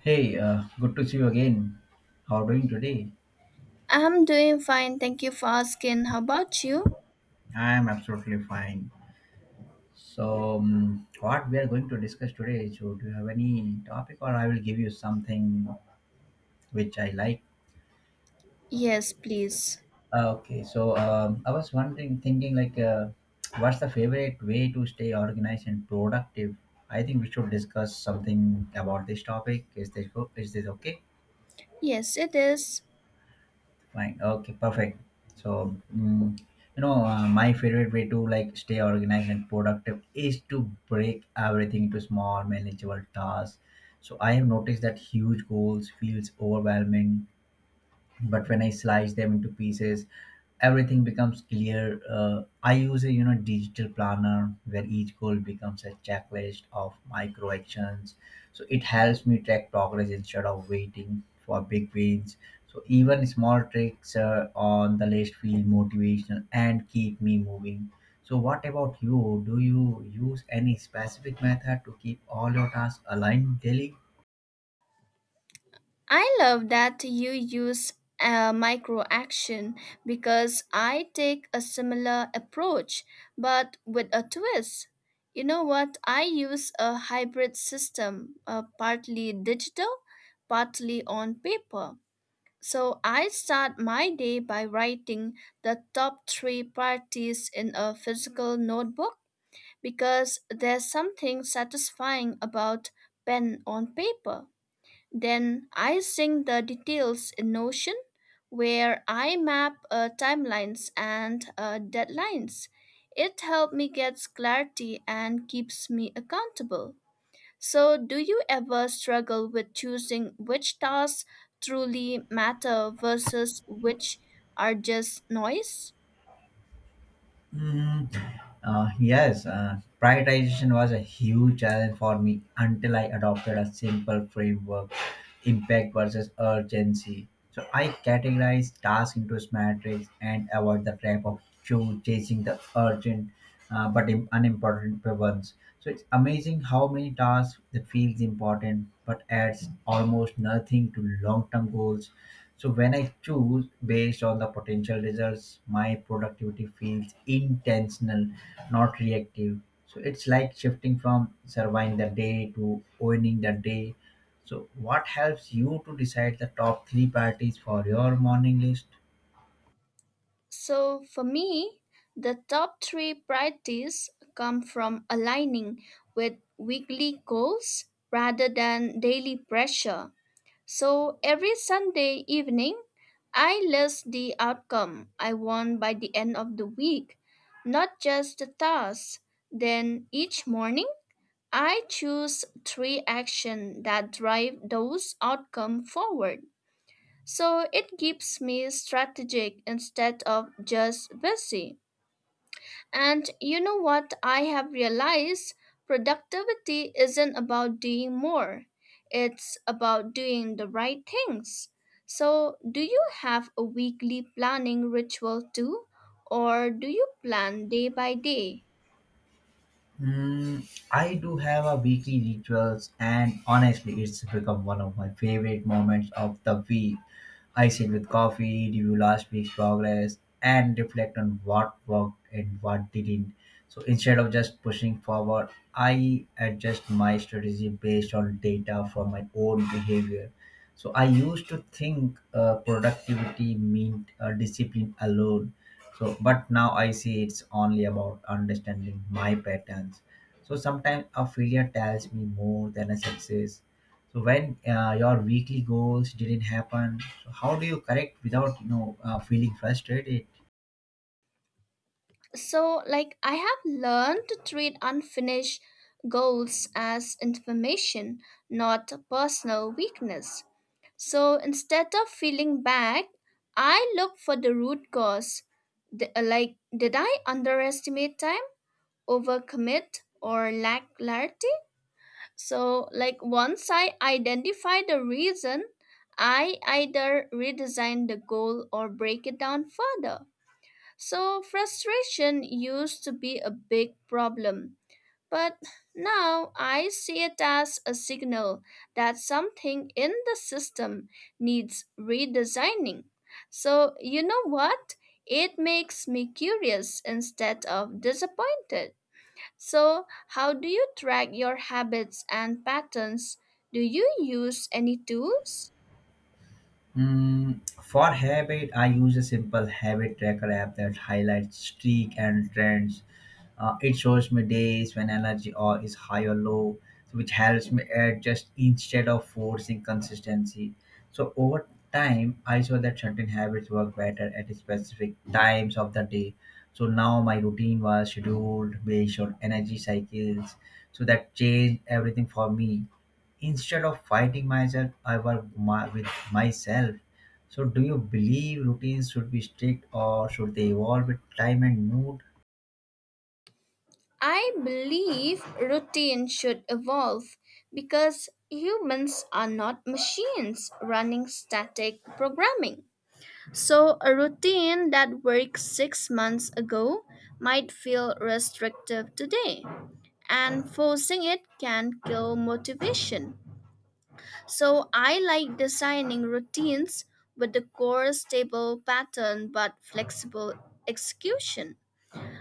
Hey, good to see you again. How are you doing today? I'm doing fine, thank you for asking. How about you? I am absolutely fine. So, what we are going to discuss today? So do you have any topic or I will give you something which I like? Yes, please. Okay, so I was wondering, thinking, like, what's the favorite way to stay organized and productive? I think we should discuss something about this topic. Is this okay? Yes, it is. Fine. Okay. Perfect. So, my favorite way to, like, stay organized and productive is to break everything into small, manageable tasks. So I have noticed that huge goals feels overwhelming, but when I slice them into pieces, everything becomes clear. I use a digital planner where each goal becomes a checklist of micro actions. So it helps me track progress instead of waiting for big wins. So even small tricks on the list feel motivational and keep me moving. So what about you? Do you use any specific method to keep all your tasks aligned daily? I love that you use a micro action because I take a similar approach but with a twist. You know what? I use a hybrid system, partly digital, partly on paper. So I start my day by writing the top three parties in a physical notebook because there's something satisfying about pen on paper. Then I sing the details in Notion, where I map timelines and deadlines. It helps me get clarity and keeps me accountable. So, do you ever struggle with choosing which tasks truly matter versus which are just noise? Mm, yes. Prioritization was a huge challenge for me until I adopted a simple framework: impact versus urgency. So I categorized tasks into matrix and avoid the trap of chasing the urgent but unimportant ones. So it's amazing how many tasks that feels important but adds almost nothing to long-term goals. So when I choose based on the potential results, my productivity feels intentional, not reactive. So it's like shifting from surviving the day to owning the day. So what helps you to decide the top three priorities for your morning list? So, for me, the top three priorities come from aligning with weekly goals rather than daily pressure. So, every Sunday evening, I list the outcome I want by the end of the week, not just the tasks. Then, each morning, I choose three actions that drive those outcomes forward. So it keeps me strategic instead of just busy. And you know what I have realized? Productivity isn't about doing more, it's about doing the right things. So, do you have a weekly planning ritual too? Or do you plan day by day? I do have a weekly rituals, and honestly, it's become one of my favorite moments of the week. I sit with coffee, review last week's progress, and reflect on what worked and what didn't. So instead of just pushing forward, I adjust my strategy based on data from my own behavior. So I used to think productivity meant discipline alone. So but now I see it's only about understanding my patterns. So sometimes a failure tells me more than a success. So when your weekly goals didn't happen, so how do you correct without feeling frustrated? So, like, I have learned to treat unfinished goals as information, not personal weakness. So instead of feeling bad, I look for the root cause. Like, did I underestimate time, overcommit, or lack clarity? So, like, once I identify the reason, I either redesign the goal or break it down further. So, frustration used to be a big problem. But now I see it as a signal that something in the system needs redesigning. So, you know what? It makes me curious instead of disappointed. So, how do you track your habits and patterns? Do you use any tools? For habit, I use a simple habit tracker app that highlights streak and trends. It shows me days when energy or is high or low, so which helps me adjust instead of forcing consistency. So over time, I saw that certain habits work better at specific times of the day. So now my routine was scheduled based on energy cycles. So that changed everything for me. Instead of fighting myself, I work with myself. So do you believe routines should be strict or should they evolve with time and mood? I believe routine should evolve because humans are not machines running static programming. So, a routine that worked 6 months ago might feel restrictive today, and forcing it can kill motivation. So, I like designing routines with the core stable pattern but flexible execution.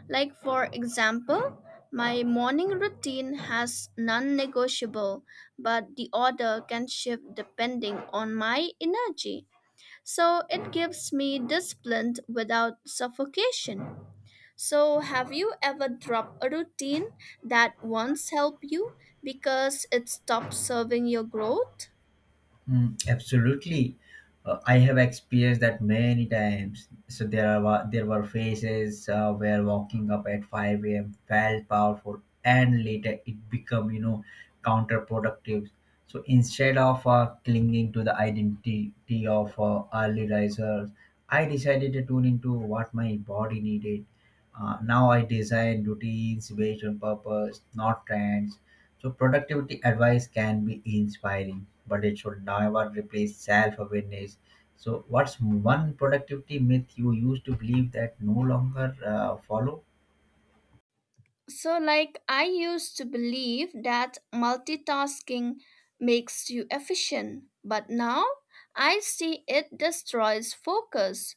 Like, for example, my morning routine has non negotiable, but the order can shift depending on my energy. So it gives me discipline without suffocation. So, have you ever dropped a routine that once helped you because it stopped serving your growth? Absolutely. I have experienced that many times. So there were phases where walking up at 5 a.m. felt powerful, and later it become counterproductive. So instead of clinging to the identity of early risers, I decided to tune into what my body needed. Now I design routines based on purpose, not trends. So productivity advice can be inspiring, but it should never replace self-awareness. So what's one productivity myth you used to believe that no longer follow? So, like, I used to believe that multitasking makes you efficient, but now I see it destroys focus.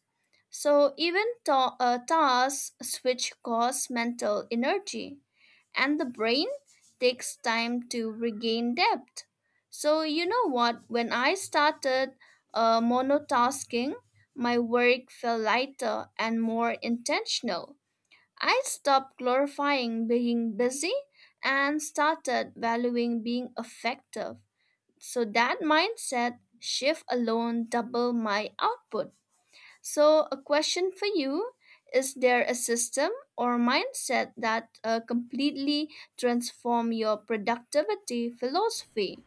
So, even tasks switch cause mental energy, and the brain takes time to regain depth. So, you know what? When I started monotasking, my work felt lighter and more intentional. I stopped glorifying being busy and started valuing being effective. So that mindset shift alone doubled my output. So, a question for you, is there a system or mindset that completely transform your productivity philosophy?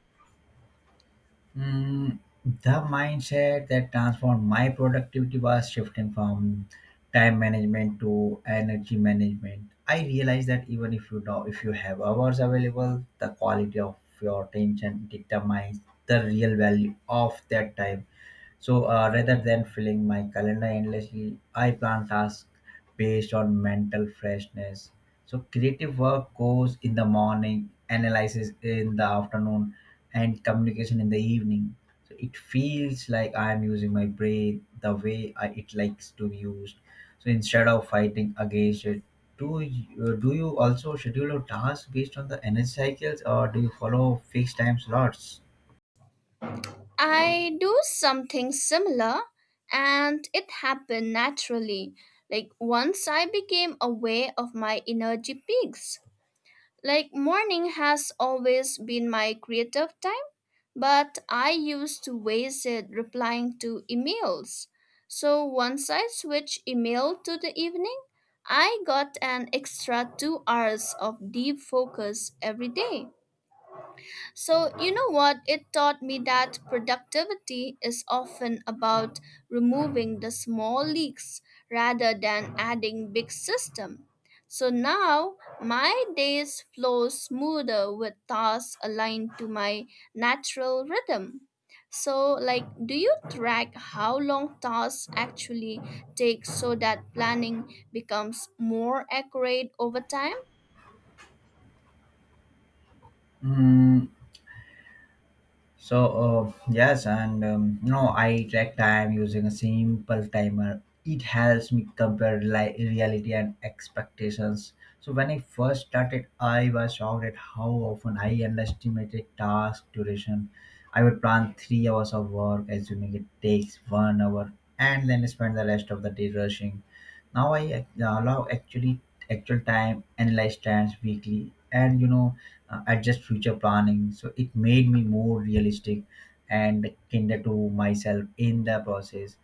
Mm, the mindset that transformed my productivity was shifting from time management to energy management. I realized that even if you have hours available, the quality of your attention determines the real value of that time. So rather than filling my calendar endlessly, I plan tasks based on mental freshness. So creative work goes in the morning, analysis in the afternoon, and communication in the evening. So it feels like I am using my brain the way it likes to be used. So instead of fighting against it, do you also schedule your tasks based on the energy cycles or do you follow fixed time slots? I do something similar and it happened naturally. Like once I became aware of my energy peaks. Like morning has always been my creative time, but I used to waste it replying to emails. So once I switched email to the evening, I got an extra 2 hours of deep focus every day. So, you know what? It taught me that productivity is often about removing the small leaks rather than adding big system. So now my days flow smoother with tasks aligned to my natural rhythm. So like, do you track how long tasks actually take so that planning becomes more accurate over time? Mm, So yes, and I track time using a simple timer. It helps me compare reality and expectations. So when I first started, I was shocked at how often I underestimated task duration. I would plan 3 hours of work, assuming it takes 1 hour, and then spend the rest of the day rushing. Now I ac- allow actually actual time, analyze trends weekly, and adjust future planning. So it made me more realistic and kinder to myself in the process.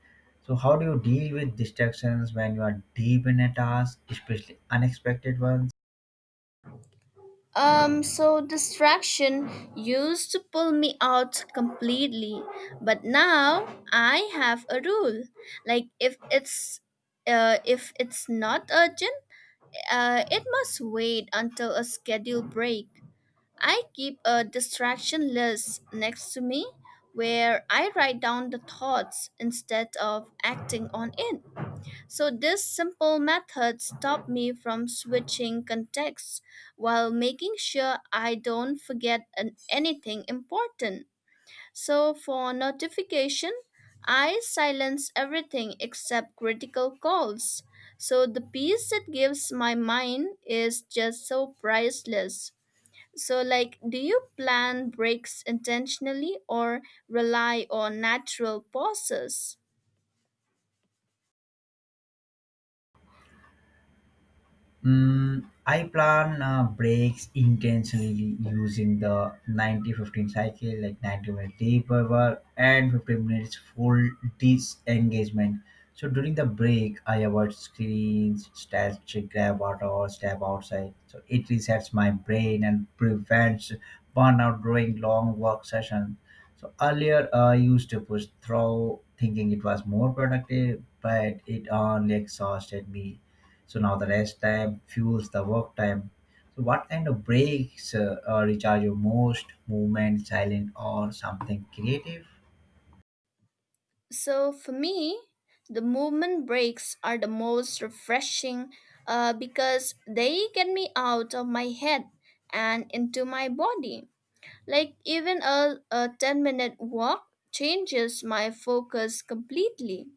So how do you deal with distractions when you are deep in a task, especially unexpected ones? So distraction used to pull me out completely, but now I have a rule. Like if it's not urgent, it must wait until a scheduled break. I keep a distraction list next to me where I write down the thoughts instead of acting on it. So this simple method stopped me from switching contexts while making sure I don't forget anything important. So for notification, I silence everything except critical calls. So the peace it gives my mind is just so priceless. So like, do you plan breaks intentionally or rely on natural pauses? I plan breaks intentionally using the 90/15 cycle, like 90 minutes deep work and 15 minutes full disengagement. So during the break, I avoid screens, stretch, grab water, or step outside. So it resets my brain and prevents burnout during long work sessions. So earlier, I used to push through thinking it was more productive, but it only exhausted me. So now the rest time fuels the work time. So what kind of breaks recharge your most: movement, silent, or something creative? So for me, the movement breaks are the most refreshing because they get me out of my head and into my body. Like even a 10-minute walk changes my focus completely.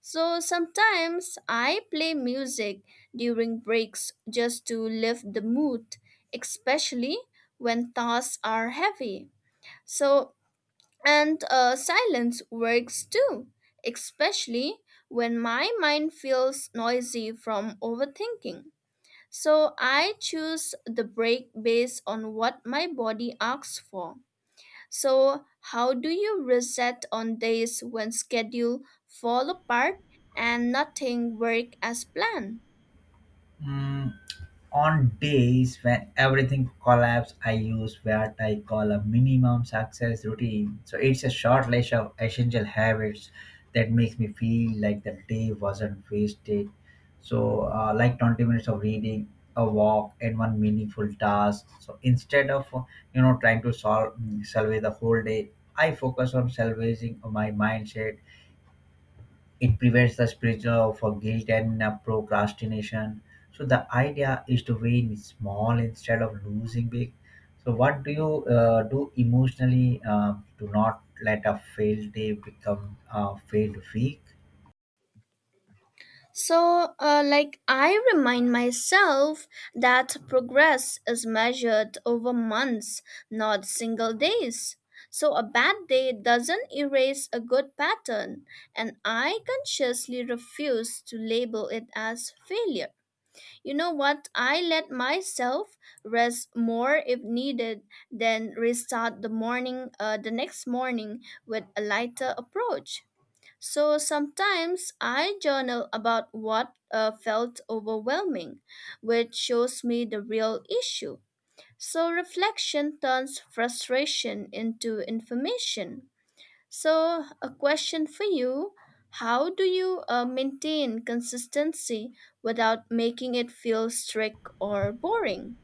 So sometimes I play music during breaks just to lift the mood, especially when tasks are heavy. So and silence works too, especially when my mind feels noisy from overthinking. So I choose the break based on what my body asks for. So, how do you reset on days when schedule fall apart and nothing work as planned? Hmm. On days when everything collapses, I use what I call a minimum success routine. So it's a short list of essential habits that makes me feel like the day wasn't wasted. So, like, 20 minutes of reading, a walk, and one meaningful task. So instead of trying to solve mm, salvage the whole day, I focus on salvaging my mindset. It prevents the spiritual for guilt and procrastination. So the idea is to win small instead of losing big. So what do you do emotionally to not let a failed day become a failed week? So, like, I remind myself that progress is measured over months, not single days. So, a bad day doesn't erase a good pattern, and I consciously refuse to label it as failure. You know what? I let myself rest more if needed, then restart the morning, the next morning with a lighter approach. So sometimes I journal about what felt overwhelming, which shows me the real issue. So reflection turns frustration into information. So, a question for you. How do you maintain consistency without making it feel strict or boring?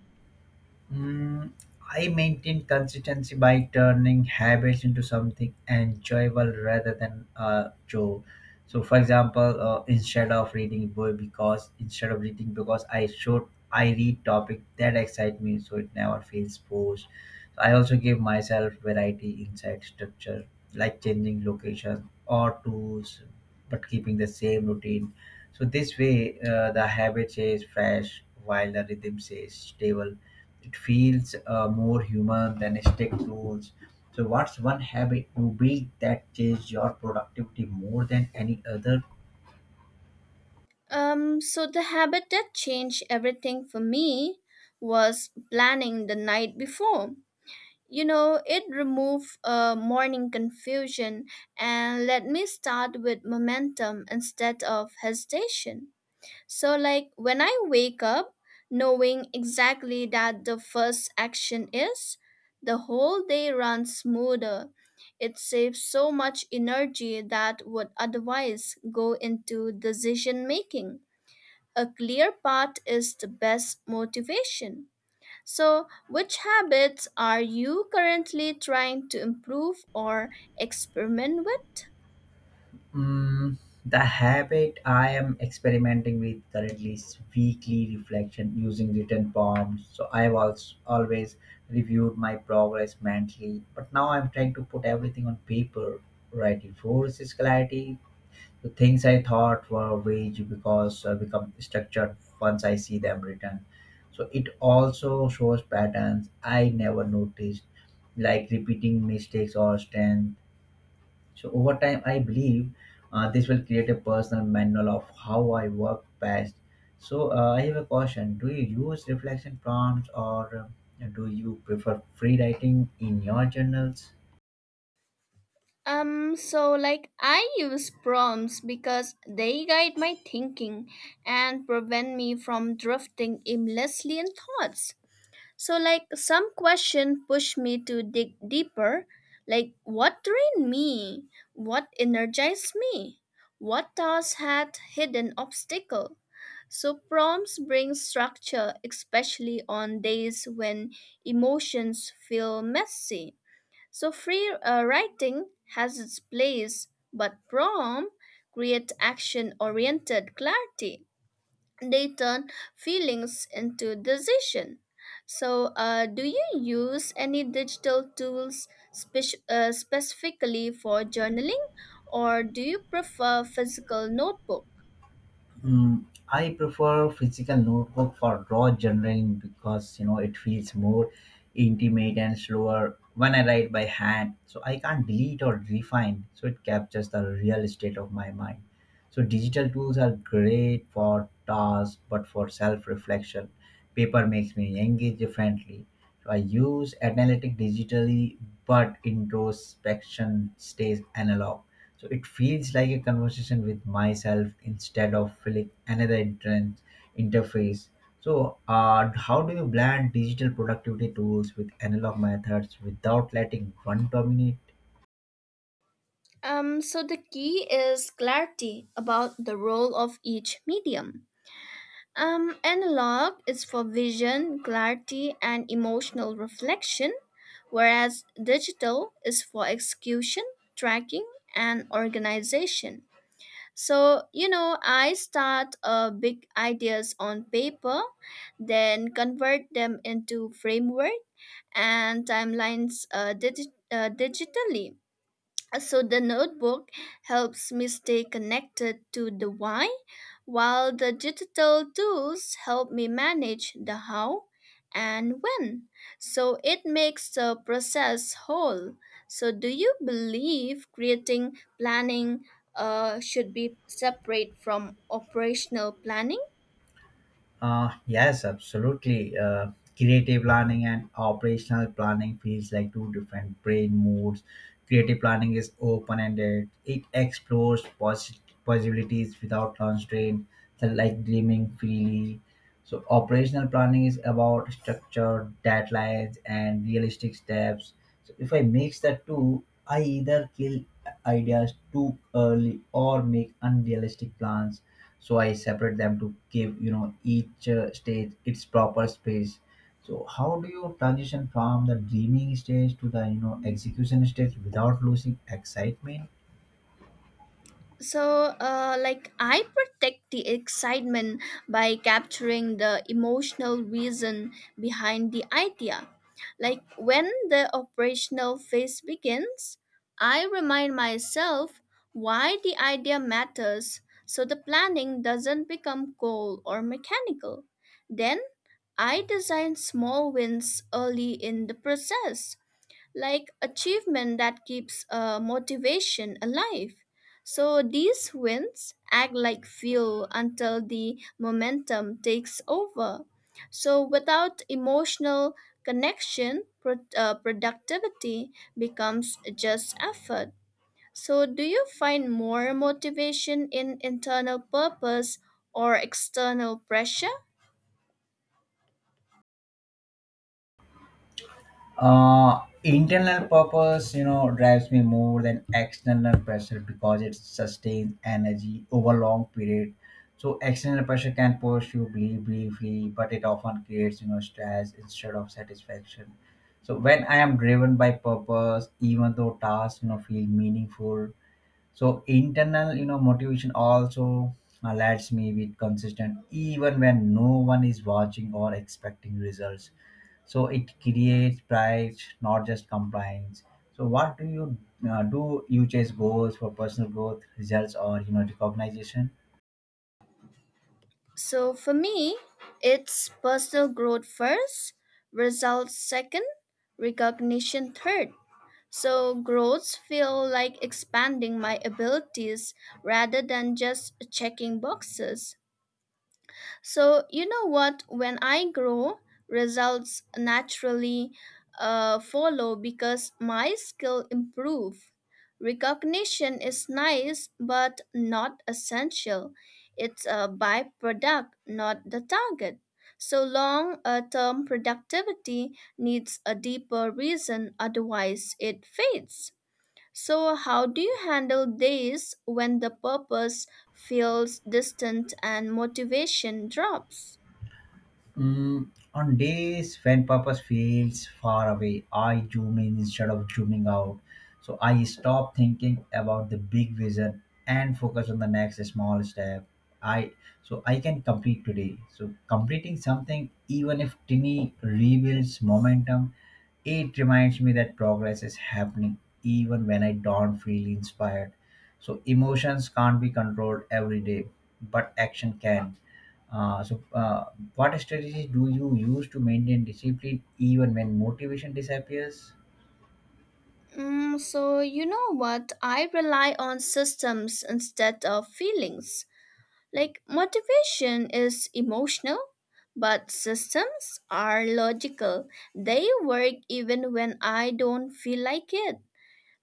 Mm, I maintain consistency by turning habits into something enjoyable rather than a chore. So, for example, instead of reading because I should, I read topic that excite me, so it never feels forced. So I also give myself variety inside structure, like changing location or tools, but keeping the same routine. So this way, the habit stays fresh while the rhythm stays stable. It feels more human than strict rules. So, what's one habit you built that changed your productivity more than any other? So, the habit that changed everything for me was planning the night before. You know, it remove morning confusion and let me start with momentum instead of hesitation. So, like when I wake up, knowing exactly that the first action is, the whole day runs smoother. It saves so much energy that would otherwise go into decision making. A clear path is the best motivation. So, which habits are you currently trying to improve or experiment with? Mm, the habit I am experimenting with currently is weekly reflection using written prompts. So I've also always reviewed my progress mentally, but now I'm trying to put everything on paper. Right, it forces clarity. The things I thought were vague because become structured once I see them written. So it also shows patterns I never noticed, like repeating mistakes or strength. So over time, I believe this will create a personal manual of how I work best. So I have a question: do you use reflection prompts, or do you prefer free writing in your journals? So like, I use prompts because they guide my thinking and prevent me from drifting aimlessly in thoughts. So like some question push me to dig deeper, like what drained me, what energized me, what task had hidden obstacle. So prompts bring structure, especially on days when emotions feel messy. So free writing has its place, but prompt create action-oriented clarity. They turn feelings into decision. So, do you use any digital tools specifically for journaling, or do you prefer physical notebook? I prefer physical notebook for raw journaling because it feels more intimate and slower when I write by hand. So I can't delete or refine. So it captures the real state of my mind. So digital tools are great for tasks, but for self-reflection, paper makes me engage differently. So I use analytic digitally, but introspection stays analog. So it feels like a conversation with myself instead of filling another entrance interface. So, how do you blend digital productivity tools with analog methods without letting one dominate? So the key is clarity about the role of each medium. Analog is for vision, clarity, and emotional reflection, whereas digital is for execution, tracking, and organization. So, you know, I start big ideas on paper, then convert them into framework and timelines digitally, so the notebook helps me stay connected to the why, while the digital tools help me manage the how and when. So it makes the process whole. So do you believe creating planning should be separate from operational planning? Yes, absolutely. Creative planning and operational planning feels like two different brain modes. Creative planning is open ended, it explores possibilities without constraint, so like dreaming freely. So operational planning is about structure, deadlines, and realistic steps. So if I mix the two, I either kill ideas too early or make unrealistic plans. So I separate them to give each stage its proper space. So how do you transition from the dreaming stage to the execution stage without losing excitement? So, like, I protect the excitement by capturing the emotional reason behind the idea. Like, when the operational phase begins, I remind myself why the idea matters so the planning doesn't become cold or mechanical. Then, I design small wins early in the process like achievement that keeps motivation alive. So these wins act like fuel until the momentum takes over. So without emotional connection, productivity becomes just effort. So do you find more motivation in internal purpose or external pressure? Internal purpose drives me more than external pressure because it sustains energy over long period. So external pressure can push you believe briefly, but it often creates stress instead of satisfaction. So when I am driven by purpose, even though tasks feel meaningful. So internal, motivation also alerts me with consistent, even when no one is watching or expecting results. So it creates pride, not just compliance. So what do? You chase goals for personal growth, results, or recognition. So for me, it's personal growth first, results second, recognition third. So growths feel like expanding my abilities rather than just checking boxes. So, you know what? When I grow, results naturally follow because my skill improve. Recognition is nice but not essential. It's a byproduct, not the target. So long term productivity needs a deeper reason, otherwise, it fades. So, how do you handle days when the purpose feels distant and motivation drops? On days when purpose feels far away, I zoom in instead of zooming out. So I stop thinking about the big vision and focus on the next small step. I So I can complete today. So completing something, even if tiny, rebuilds momentum. It reminds me that progress is happening even when I don't feel inspired. So emotions can't be controlled every day, but action can. Uh, so, uh, what strategies do you use to maintain discipline even when motivation disappears? You know what? I rely on systems instead of feelings. Like, motivation is emotional, but systems are logical. They work even when I don't feel like it.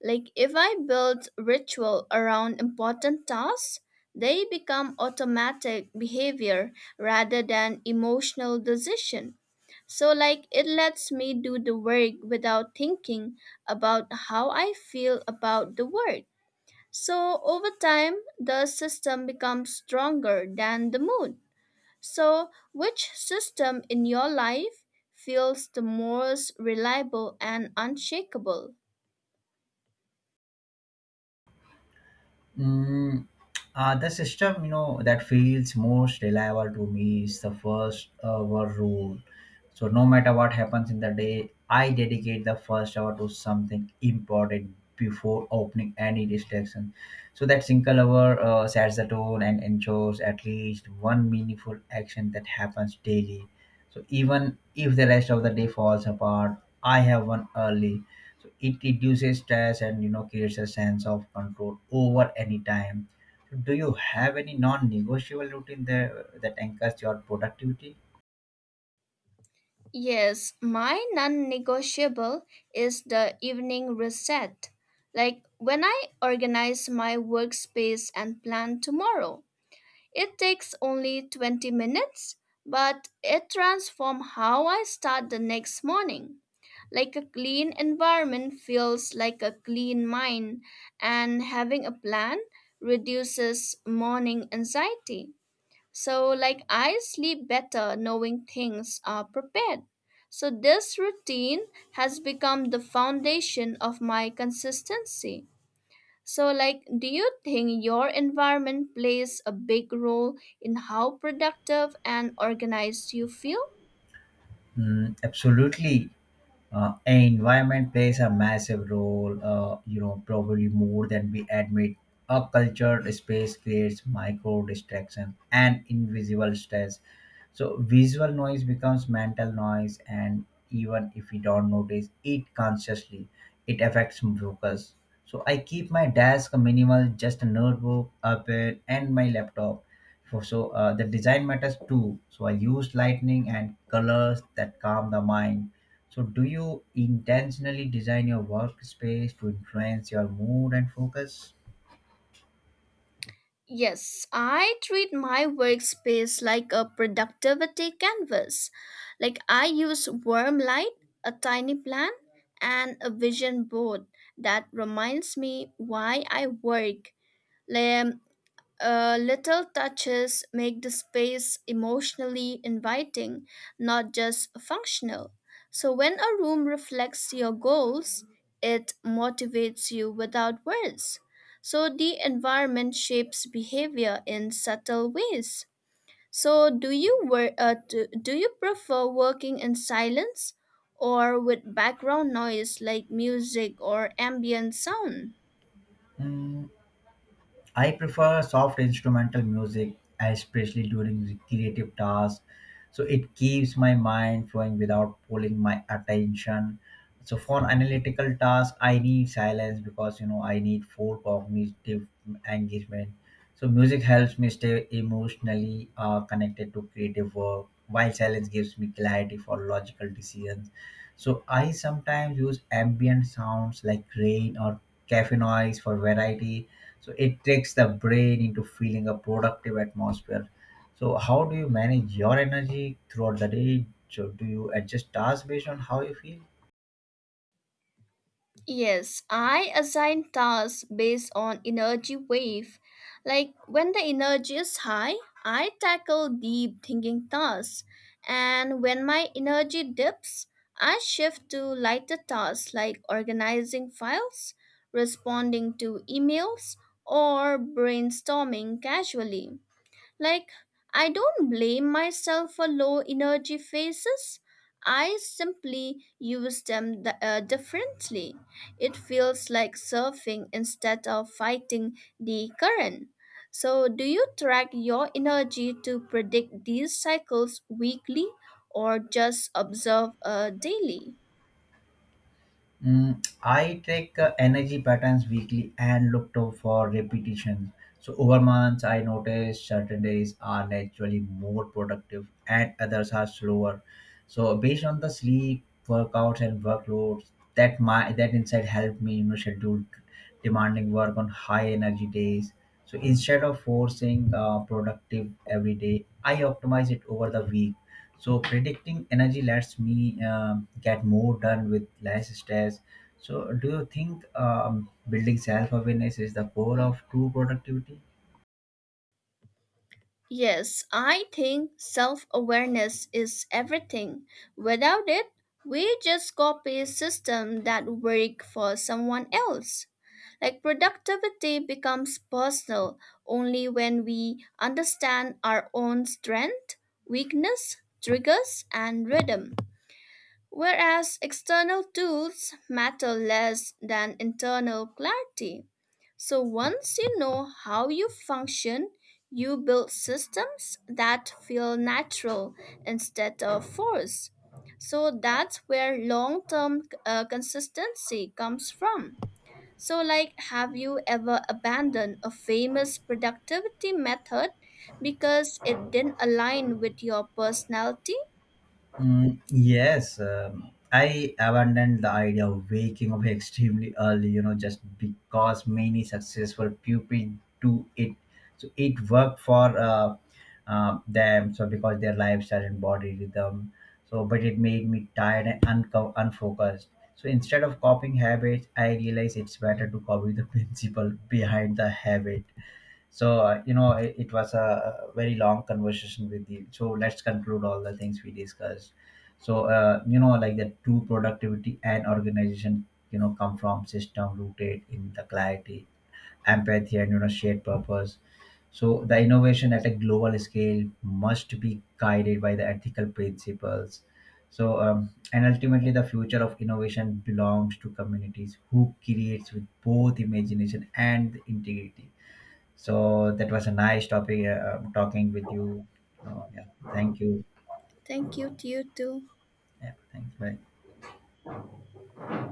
Like if I build ritual around important tasks, they become automatic behavior rather than emotional decision. So like it lets me do the work without thinking about how I feel about the work. So over time, the system becomes stronger than the mood. So which system in your life feels the most reliable and unshakable? Mm, the system, you know, that feels most reliable to me is the first hour rule. So no matter what happens in the day, I dedicate the first hour to something important before opening any distraction. So that single hour sets the tone and ensures at least one meaningful action that happens daily. So even if the rest of the day falls apart, I have one early, so it reduces stress and you know creates a sense of control over any time. So do you have any non-negotiable routine there that anchors your productivity? Yes, my non negotiable is the evening reset. Like when I organize my workspace and plan tomorrow, it takes only 20 minutes, but it transforms how I start the next morning. Like a clean environment feels like a clean mind, and having a plan reduces morning anxiety. So, like, I sleep better knowing things are prepared. So, this routine has become the foundation of my consistency. So, like, do you think your environment plays a big role in how productive and organized you feel? Mm, absolutely. Environment plays a massive role, you know, probably more than we admit. A cultured space creates micro distraction and invisible stress. So visual noise becomes mental noise, and even if we don't notice it consciously, it affects focus. So I keep my desk minimal, just a notebook, a pen, and my laptop. For so the design matters too. So I use lightning and colors that calm the mind. So, do you intentionally design your workspace to influence your mood and focus? Yes, I treat my workspace like a productivity canvas. Like I use warm light, a tiny plant, and a vision board that reminds me why I work. Like, little touches make the space emotionally inviting, not just functional. So, when a room reflects your goals, it motivates you without words. So, the environment shapes behavior in subtle ways. So, do you prefer working in silence or with background noise like music or ambient sound? Mm, I prefer soft instrumental music, especially during the creative tasks. So, it keeps my mind flowing without pulling my attention. So, for analytical tasks, I need silence because you know I need full cognitive engagement. So, music helps me stay emotionally connected to creative work, while silence gives me clarity for logical decisions. So I sometimes use ambient sounds like rain or cafe noise for variety. So it takes the brain into feeling a productive atmosphere. So how do you manage your energy throughout the day? So do you adjust tasks based on how you feel? Yes, I assign tasks based on energy wave. Like when the energy is high, I tackle deep thinking tasks. And when my energy dips, I shift to lighter tasks like organizing files, responding to emails, or brainstorming casually. Like, I don't blame myself for low energy phases. I simply use them differently. It feels like surfing instead of fighting the current. So, do you track your energy to predict these cycles weekly or just observe daily? Mm, I track energy patterns weekly and looked out for repetitions. So over months, I noticed certain days are naturally more productive and others are slower. So based on the sleep, workouts, and workloads, that insight helped me you know schedule demanding work on high energy days. So instead of forcing productive every day, I optimize it over the week. So predicting energy lets me get more done with less stress. So do you think building self awareness is the core of true productivity? Yes, I think self awareness is everything. Without it, we just copy systems that work for someone else. Like productivity becomes personal only when we understand our own strength, weakness, triggers, and rhythm, whereas external tools matter less than internal clarity. So once you know how you function, you build systems that feel natural instead of forced. So that's where long term consistency comes from. So, like, have you ever abandoned a famous productivity method because it didn't align with your personality? Mm, yes, I abandoned the idea of waking up extremely early, you know, just because many successful people do it. So it worked for them, so because their lifestyle and body rhythm. So, but it made me tired and unfocused. So instead of copying habits, I realized it's better to copy the principle behind the habit. So you know, it was a very long conversation with you. So let's conclude all the things we discussed. So you know, like the true productivity and organization, you know, come from system rooted in the clarity, empathy, and you know, shared purpose. So the innovation at a global scale must be guided by the ethical principles. So and ultimately, the future of innovation belongs to communities who creates with both imagination and integrity. So that was a nice topic talking with you. So yeah, thank you. Thank you to you too. Yeah, thanks. Bye.